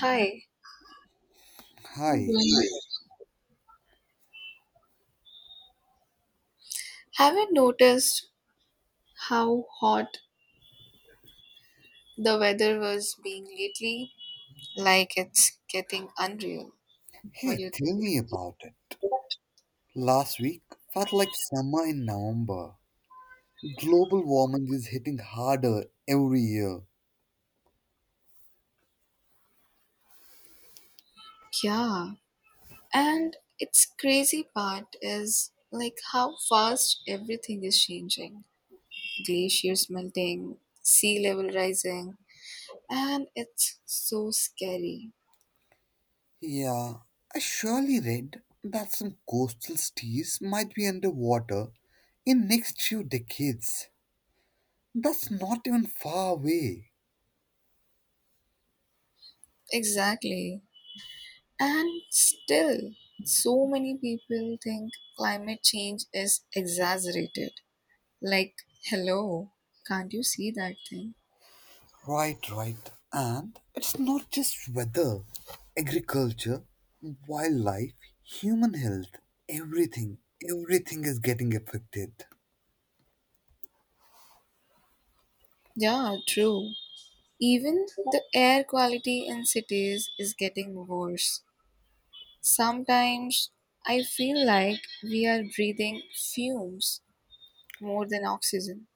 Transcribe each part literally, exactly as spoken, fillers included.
Hi, Hi. I have not noticed how hot the weather was being lately? Like it's getting unreal. What do Hey, you tell me think? about it. Last week felt like summer in November. Global warming is hitting harder every year. Yeah, and its crazy part is like how fast everything is changing. Glaciers melting, sea level rising, and it's so scary. Yeah, I surely read that some coastal cities might be underwater in next few decades. That's not even far away. Exactly. And still, so many people think climate change is exaggerated. Like, hello, can't you see that thing? Right, right. And it's not just weather, agriculture, wildlife, human health, everything, everything is getting affected. Yeah, true. Even the air quality in cities is getting worse. Sometimes I feel like we are breathing fumes more than oxygen.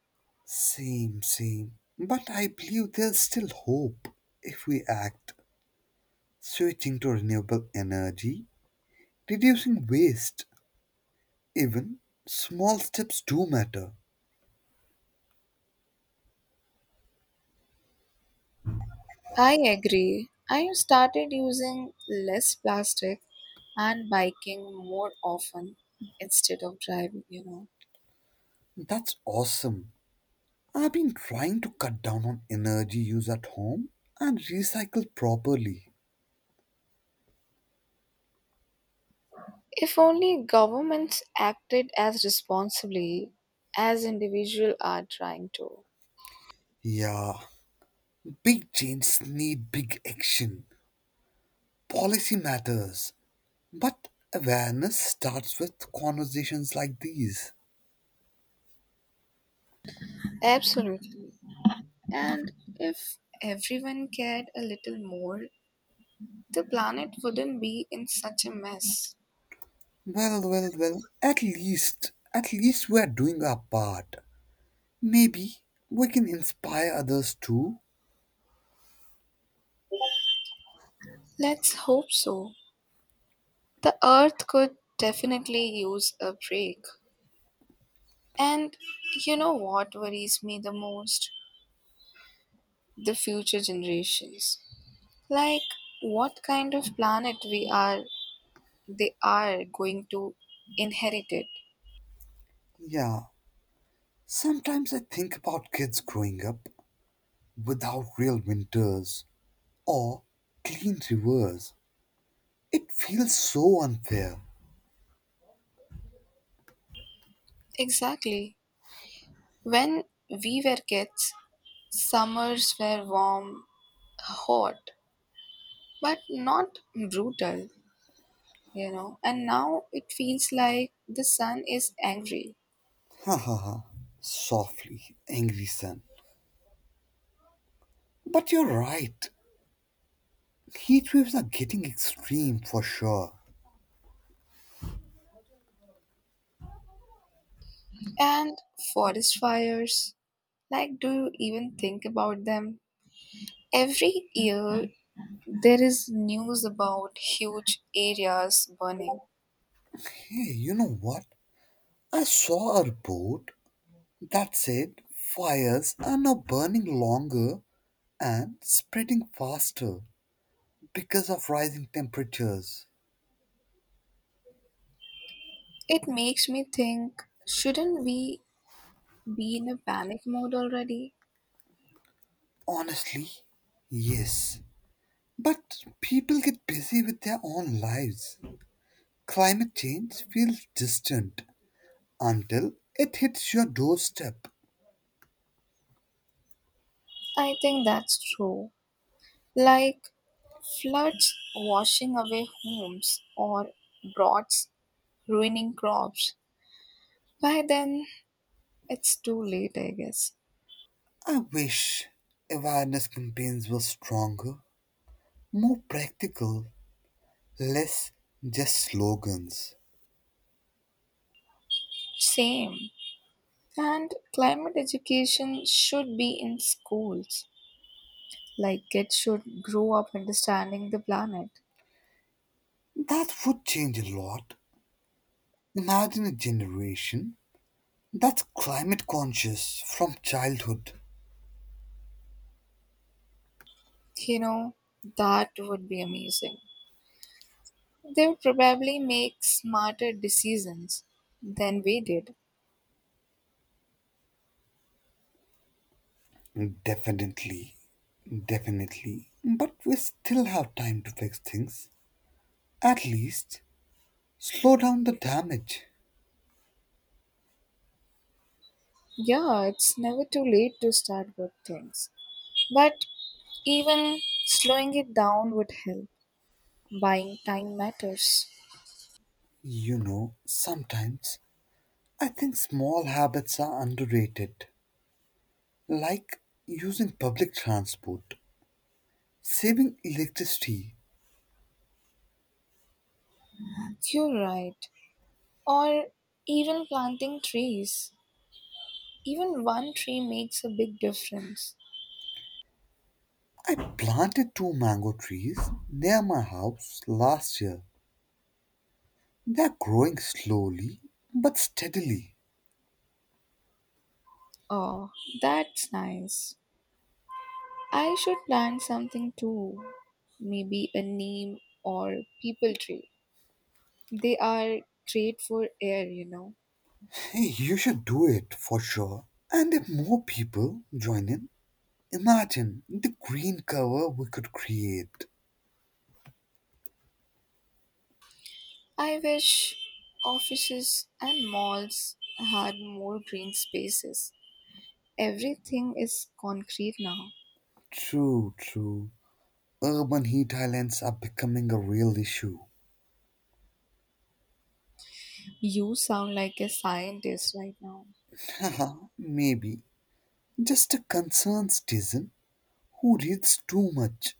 Same, same. But I believe there's still hope if we act, switching to renewable energy, reducing waste. Even small steps do matter. I agree. I started using less plastic and biking more often instead of driving, you know. That's awesome. I've been trying to cut down on energy use at home and recycle properly. If only governments acted as responsibly as individuals are trying to. Yeah, big changes need big action. Policy matters. But awareness starts with conversations like these. Absolutely. And if everyone cared a little more, the planet wouldn't be in such a mess. Well, well, well, at least, at least we are doing our part. Maybe we can inspire others too. Let's hope so. The earth could definitely use a break. And you know what worries me the most? The future generations. Like what kind of planet we are they are going to inherit it. Yeah, sometimes I think about kids growing up without real winters or clean rivers. It feels so unfair. Exactly. When we were kids, summers were warm, hot, but not brutal, you know. And now it feels like the sun is angry. Ha ha ha. Softly, angry son. But you're right. Heat waves are getting extreme for sure. And forest fires, like, do you even think about them? Every year, there is news about huge areas burning. Hey, you know what? I saw a report that said, fires are now burning longer and spreading faster because of rising temperatures. It makes me think, shouldn't we be in a panic mode already? Honestly, yes. But people get busy with their own lives. Climate change feels distant until it hits your doorstep. I think that's true. Like, floods washing away homes or droughts ruining crops. By then, it's too late, I guess. I wish awareness campaigns were stronger, more practical, less just slogans. Same. And climate education should be in schools. Like kids should grow up understanding the planet. That would change a lot. Imagine a generation that's climate conscious from childhood. You know, that would be amazing. They would probably make smarter decisions than we did. Definitely, definitely. But we still have time to fix things. At least, slow down the damage. Yeah, it's never too late to start good things. But even slowing it down would help. Buying time matters. You know, sometimes I think small habits are underrated, like using public transport, saving electricity. You're right. Or even planting trees. Even one tree makes a big difference. I planted two mango trees near my house last year. They're growing slowly but steadily. Oh, that's nice. I should plant something too. Maybe a neem or people tree. They are great for air, you know. Hey, you should do it for sure. And if more people join in, imagine the green cover we could create. I wish offices and malls had more green spaces. Everything is concrete now. True, true. Urban heat islands are becoming a real issue. You sound like a scientist right now. Haha, maybe. Just a concerned citizen who reads too much.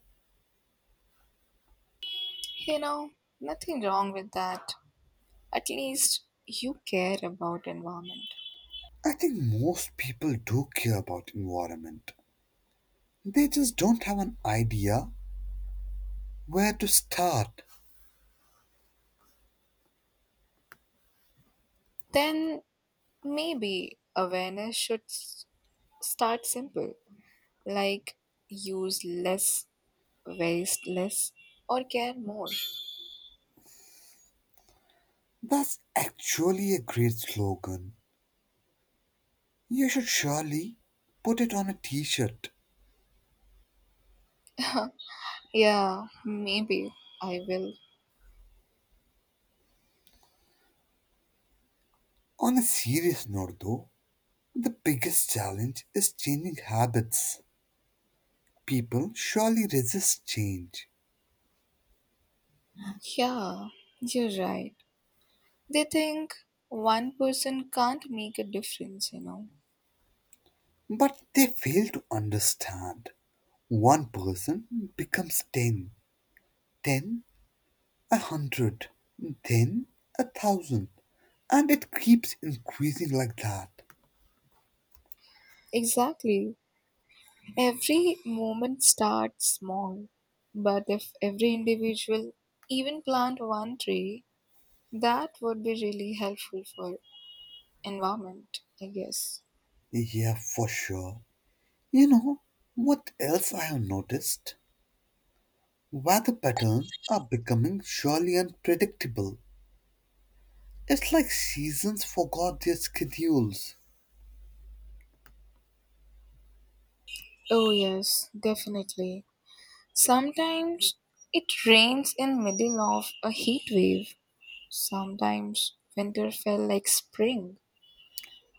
You know, nothing wrong with that. At least you care about environment. I think most people do care about environment. They just don't have an idea where to start. Then maybe awareness should s- start simple, like use less, waste less, or care more. That's actually a great slogan. You should surely put it on a t shirt. yeah, maybe I will. On a serious note, though, the biggest challenge is changing habits. People surely resist change, Yeah, you're right. They think one person can't make a difference, you know. but they fail to understand. One person becomes ten, ten, a hundred, then a thousand, and it keeps increasing like that. Exactly. Every movement starts small, but if every individual even plant one tree, that would be really helpful for environment, I guess. Yeah, for sure. You know what else I have noticed? Weather patterns are becoming surely unpredictable. It's like seasons forgot their schedules. Oh yes, definitely. Sometimes it rains in middle of a heat wave. Sometimes winter felt like spring.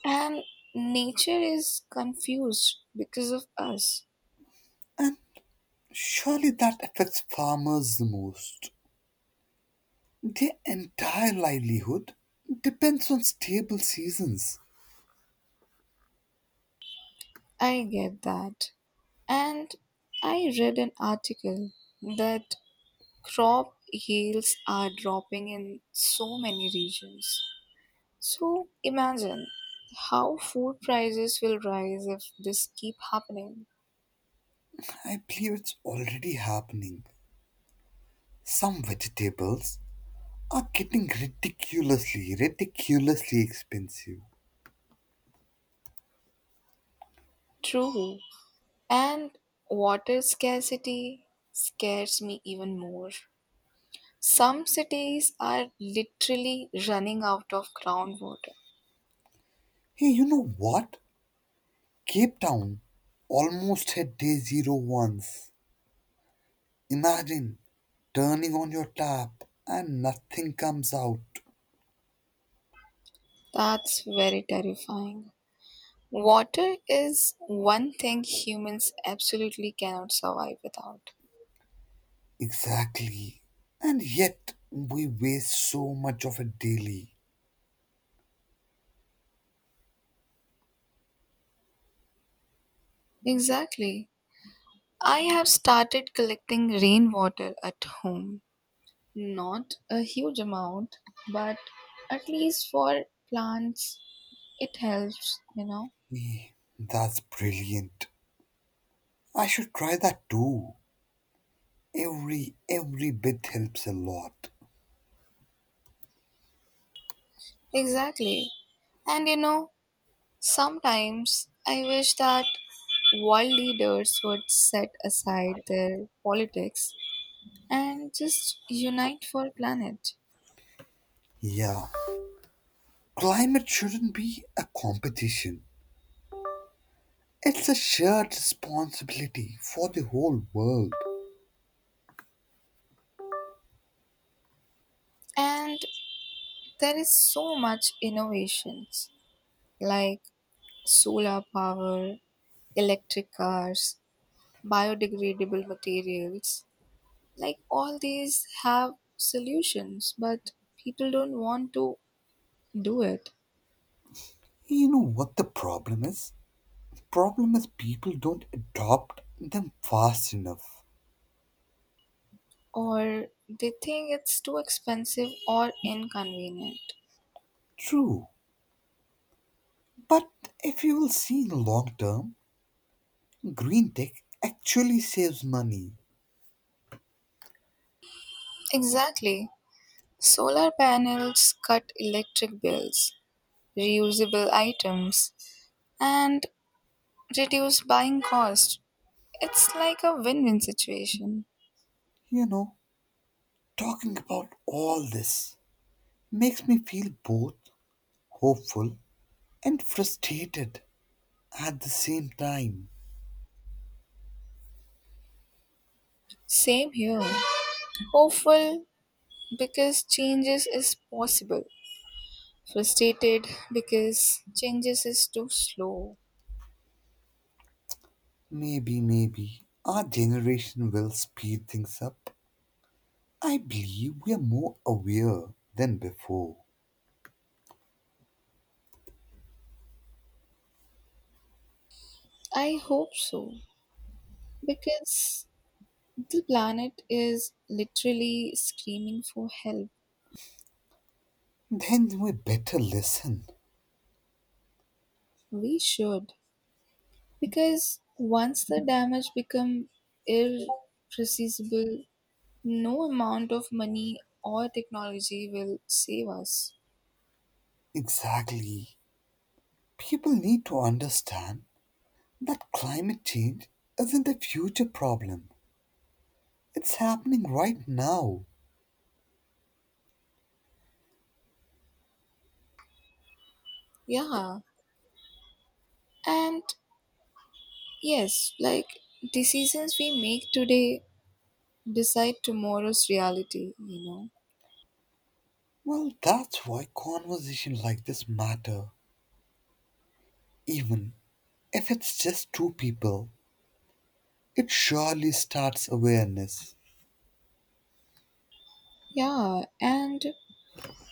And nature is confused because of us. And surely that affects farmers the most. Their entire livelihood depends on stable seasons. I get that. And I read an article that crop yields are dropping in so many regions. So imagine how food prices will rise if this keep happening. I believe it's already happening. Some vegetables are getting ridiculously, ridiculously expensive. True. And water scarcity scares me even more. Some cities are literally running out of groundwater. Hey, you know what? Cape Town almost hit day zero once. Imagine turning on your tap and nothing comes out. That's very terrifying. Water is one thing humans absolutely cannot survive without. Exactly. And yet we waste so much of it daily. Exactly. I have started collecting rainwater at home. Not a huge amount, but at least for plants, it helps, you know. Eh, that's brilliant. I should try that too. Every every bit helps a lot. Exactly. And you know, sometimes I wish that world leaders would set aside their politics and just unite for planet. Yeah. Climate shouldn't be a competition. It's a shared responsibility for the whole world. And there is so much innovations like solar power, electric cars, biodegradable materials. Like all these have solutions, but people don't want to do it, You know what the problem is? The problem is people don't adopt them fast enough. or they think it's too expensive or inconvenient. True, but if you will see in the long term, green tech actually saves money. Exactly. Solar panels cut electric bills, reusable items, and reduce buying cost. It's like a win win situation. You know, talking about all this makes me feel both hopeful and frustrated at the same time. Same here. Hopeful because changes is possible. Frustrated because changes is too slow. Maybe, maybe our generation will speed things up. I believe we are more aware than before. I hope so because the planet is literally screaming for help. Then we better listen. We should, because once the damage become irreversible, no amount of money or technology will save us. Exactly. People need to understand that climate change isn't a future problem, it's happening right now. Yeah, and yes, like decisions we make today decide tomorrow's reality, you know. Well, that's why conversations like this matter. Even if it's just two people, it surely starts awareness. Yeah, and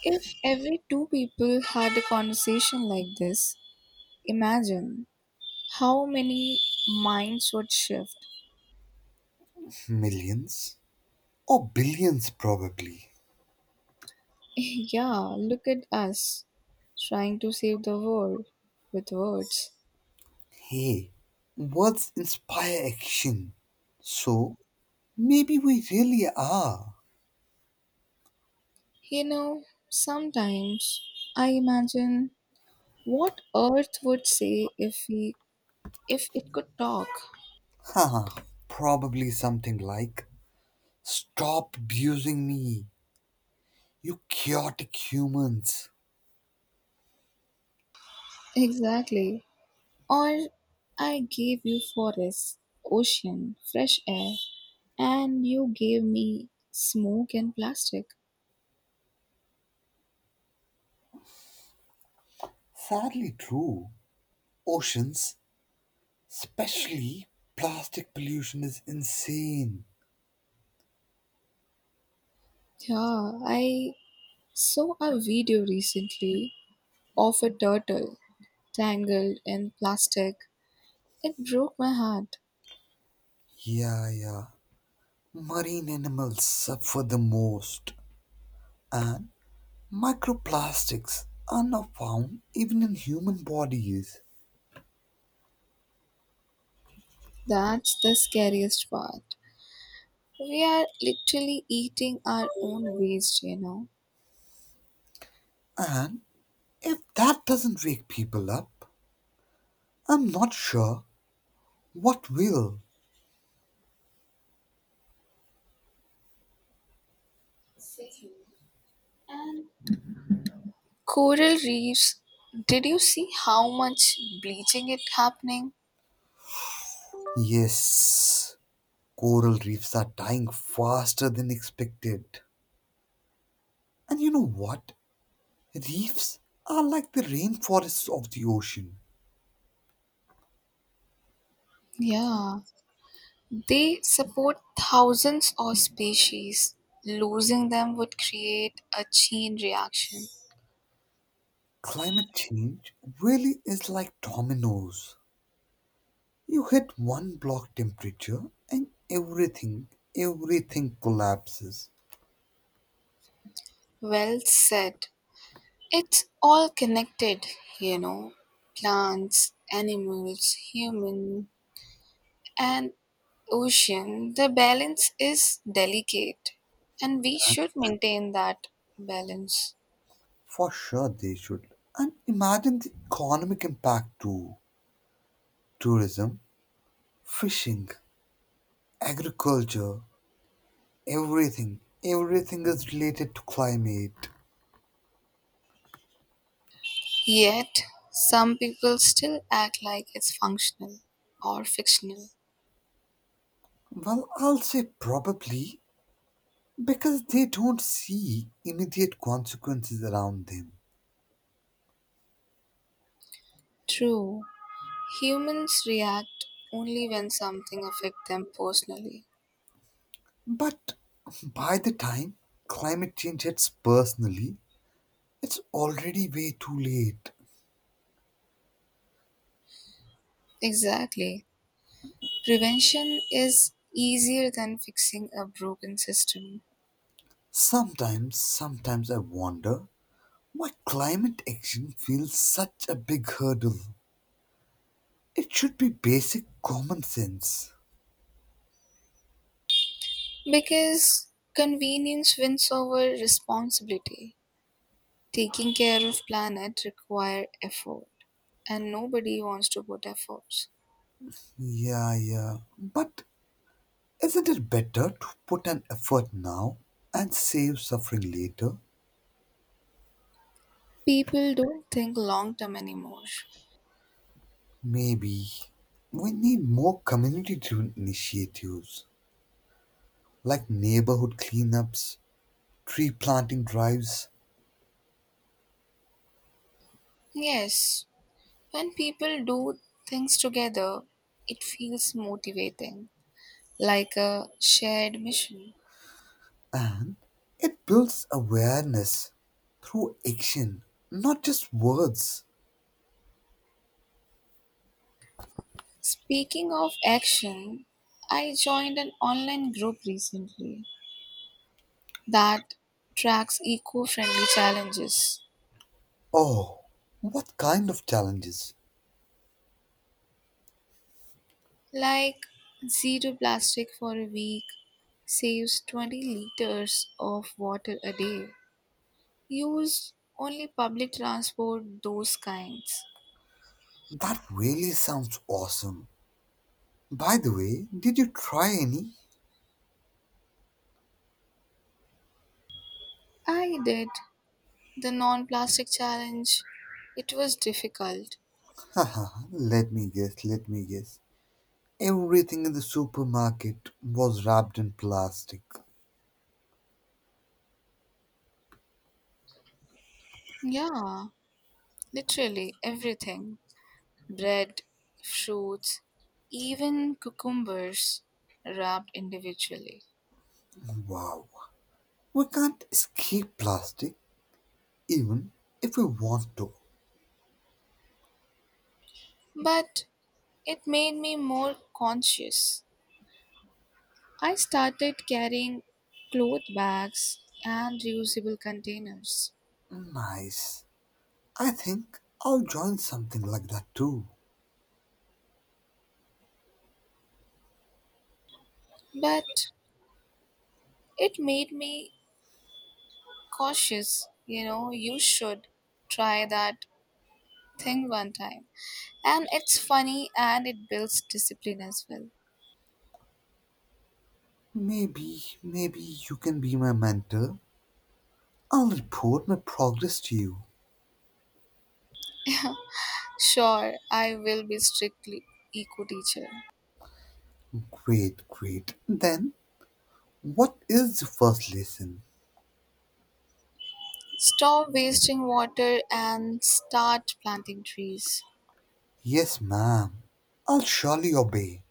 if every two people had a conversation like this, imagine how many minds would shift. Millions? Or billions, probably. yeah, look at us trying to save the world with words. Hey, words inspire action. So, maybe we really are. You know, sometimes I imagine what earth would say if we if it could talk. Haha, probably something like stop abusing me, you chaotic humans. Exactly. Or I gave you forests, ocean, fresh air, and you gave me smoke and plastic. Sadly true. Oceans, especially plastic pollution, is insane. Yeah, I saw a video recently of a turtle tangled in plastic. It broke my heart. Yeah, yeah. Marine animals suffer the most, and microplastics are now found even in human bodies. That's the scariest part. We are literally eating our own waste, you know. And if that doesn't wake people up, I'm not sure what will. Same. And coral reefs, did you see how much bleaching it happening? Yes, coral reefs are dying faster than expected. And you know what? Reefs are like the rainforests of the ocean. Yeah, they support thousands of species. Losing them would create a chain reaction. Climate change really is like dominoes. You hit one block temperature and everything, everything collapses. Well said. It's all connected, you know. Plants, animals, human, and ocean. The balance is delicate, and we should maintain that balance. For sure they should. And imagine the economic impact too. Tourism, fishing, agriculture, everything, everything is related to climate. Yet, some people still act like it's functional or fictional. Well, I'll say probably because they don't see immediate consequences around them. True. Humans react only when something affects them personally. But by the time climate change hits personally, it's already way too late. Exactly. Prevention is easier than fixing a broken system, Sometimes, sometimes I wonder why climate action feels such a big hurdle. It should be basic common sense. because convenience wins over responsibility. Taking care of planet require effort, and nobody wants to put efforts. Yeah, yeah. But isn't it better to put an effort now and save suffering later? People don't think long term anymore. Maybe we need more community driven initiatives like neighborhood cleanups, tree planting drives, Yes, when people do things together, it feels motivating, like a shared mission. and it builds awareness through action, not just words. Speaking of action, I joined an online group recently that tracks eco friendly challenges Oh, what kind of challenges? like zero plastic for a week, saves twenty liters of water a day, use only public transport, those kinds. That really sounds awesome. By the way, did you try any? I did the non plastic challenge, it was difficult. Haha, let me guess, let me guess. Everything in the supermarket was wrapped in plastic. Yeah, literally everything. Bread, fruits, even cucumbers wrapped individually. Wow. We can't escape plastic even if we want to. But it made me more conscious. I started carrying cloth bags and reusable containers. Nice. I think I'll join something like that too. But it made me cautious. You know, you should try that thing one time. And it's funny, and it builds discipline as well. Maybe, maybe you can be my mentor. I'll report my progress to you. sure, I will be strictly eco teacher. Great, great. Then, what is the first lesson? Stop wasting water and start planting trees. Yes, ma'am. I'll surely obey.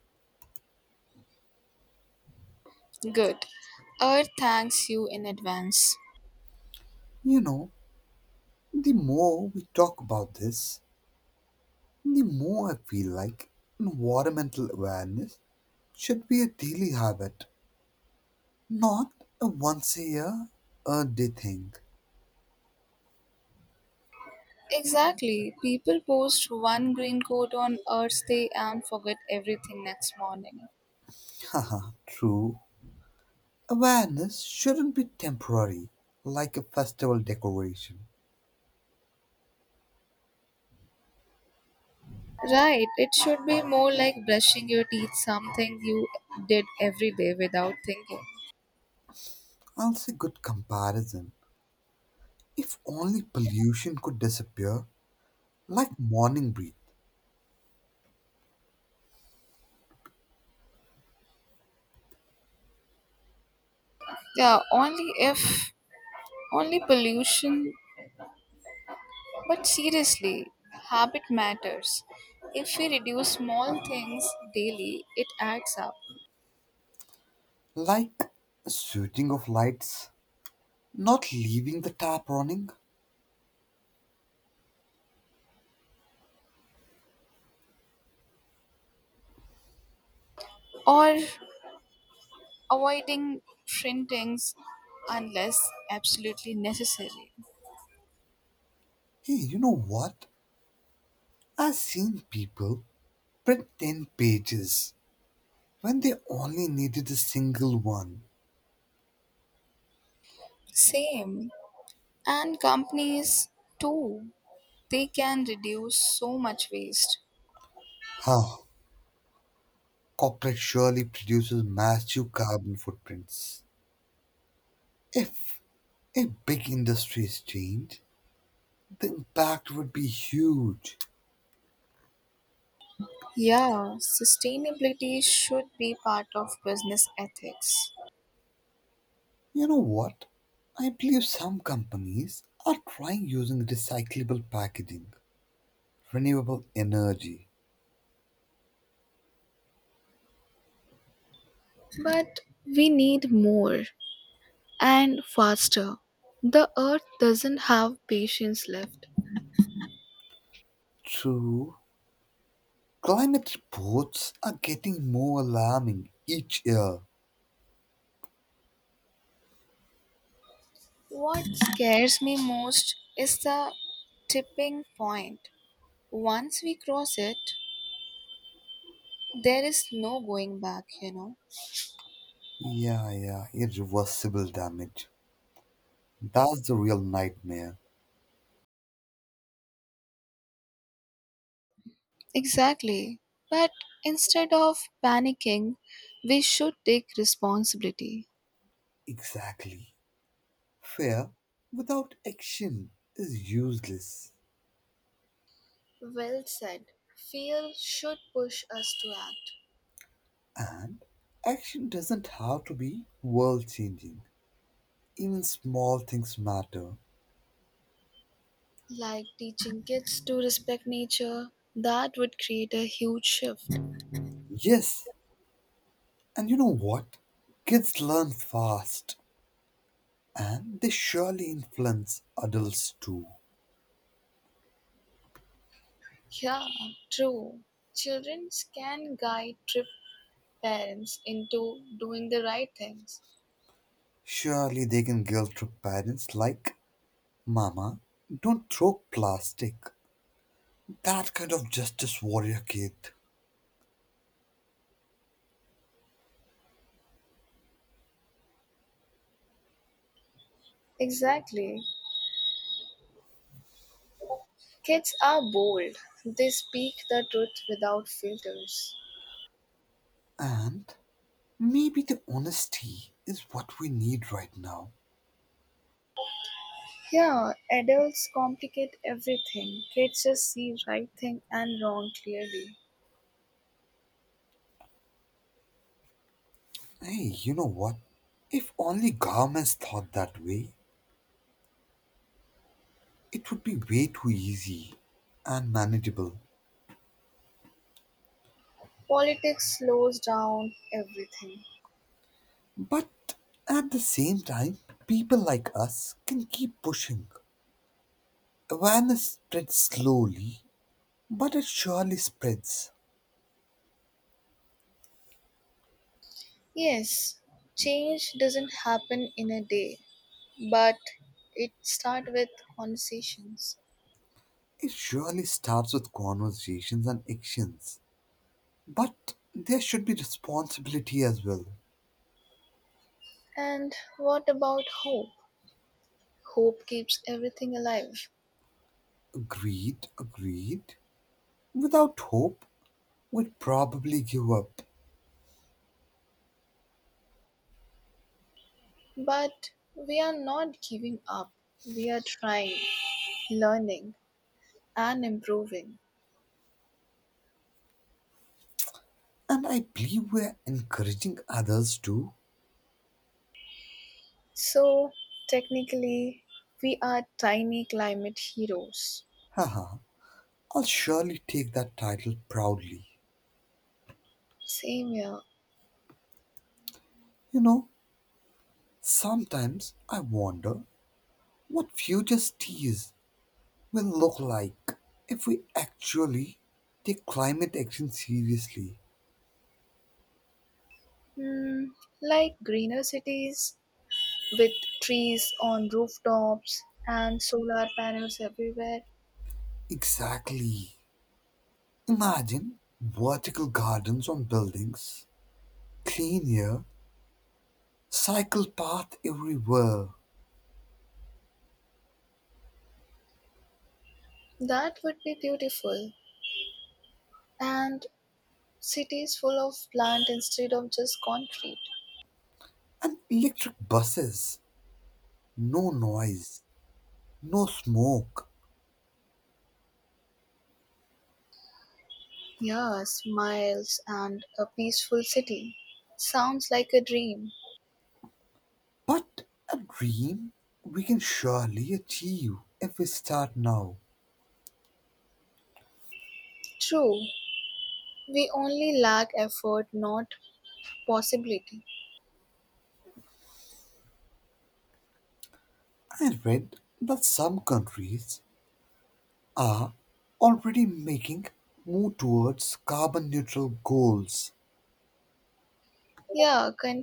Good. Earth thanks you in advance. You know, the more we talk about this, the more I feel like environmental awareness should be a daily habit. Not a once a year a day thing. Exactly. People post one green coat on Earth Day and forget everything next morning. Haha, true. Awareness shouldn't be temporary, like a festival decoration. Right. It should be more like brushing your teeth, something you did every day without thinking. Also, good comparison. If only pollution could disappear, like morning breath, Yeah, only if only pollution. But seriously, habit matters. If we reduce small things daily, it adds up. like a switching of lights, not leaving the tap running. Or avoiding printings unless absolutely necessary. Hey, you know what? I've seen people print ten pages when they only needed a single one. Same. And companies too, they can reduce so much waste. Huh. Corporate surely produces massive carbon footprints. If a big industry is changed, the impact would be huge. Yeah, sustainability should be part of business ethics. You know what? I believe some companies are trying using recyclable packaging, renewable energy. But we need more and faster. The earth doesn't have patience left. True, climate reports are getting more alarming each year. What scares me most is the tipping point. Once we cross it, there is no going back, you know. Yeah, yeah, irreversible damage. That's the real nightmare. Exactly. But instead of panicking, we should take responsibility. Exactly. Fear without action is useless, Well said. Fear should push us to act. and action doesn't have to be world changing. Even small things matter. Like teaching kids to respect nature, that would create a huge shift. Yes, and you know what? Kids learn fast, and they surely influence adults too. Yeah, true. Children can guide trip parents into doing the right things. Surely they can guilt trip parents like, Mama, don't throw plastic. That kind of justice warrior kid. Exactly. Kids are bold, they speak the truth without filters. And maybe the honesty is what we need right now. Yeah, adults complicate everything. Kids just see right thing and wrong clearly. Hey, you know what? If only governments thought that way, it would be way too easy and manageable. Politics slows down everything. But at the same time, people like us can keep pushing. Awareness spreads slowly, but it surely spreads. Yes, change doesn't happen in a day, but it starts with conversations. It surely starts with conversations and actions. But there should be responsibility as well. And what about hope? Hope keeps everything alive. Agreed, agreed. Without hope, we'd probably give up. But we are not giving up. We are trying, learning, and improving. And I believe we're encouraging others to. So technically, we are tiny climate heroes. Haha, I'll surely take that title proudly. Same here. You know, sometimes I wonder what future cities will look like if we actually take climate action seriously. Hmm, like greener cities with trees on rooftops and solar panels everywhere. Exactly. Imagine vertical gardens on buildings, clean air, cycle path everywhere, That would be beautiful. And cities full of plant instead of just concrete. and electric buses. No noise, no smoke, Yeah, smiles and a peaceful city. Sounds like a dream. but a dream we can surely achieve if we start now. True, we only lack effort, not possibility. I read that some countries already making move towards carbon neutral goals. Yeah, con-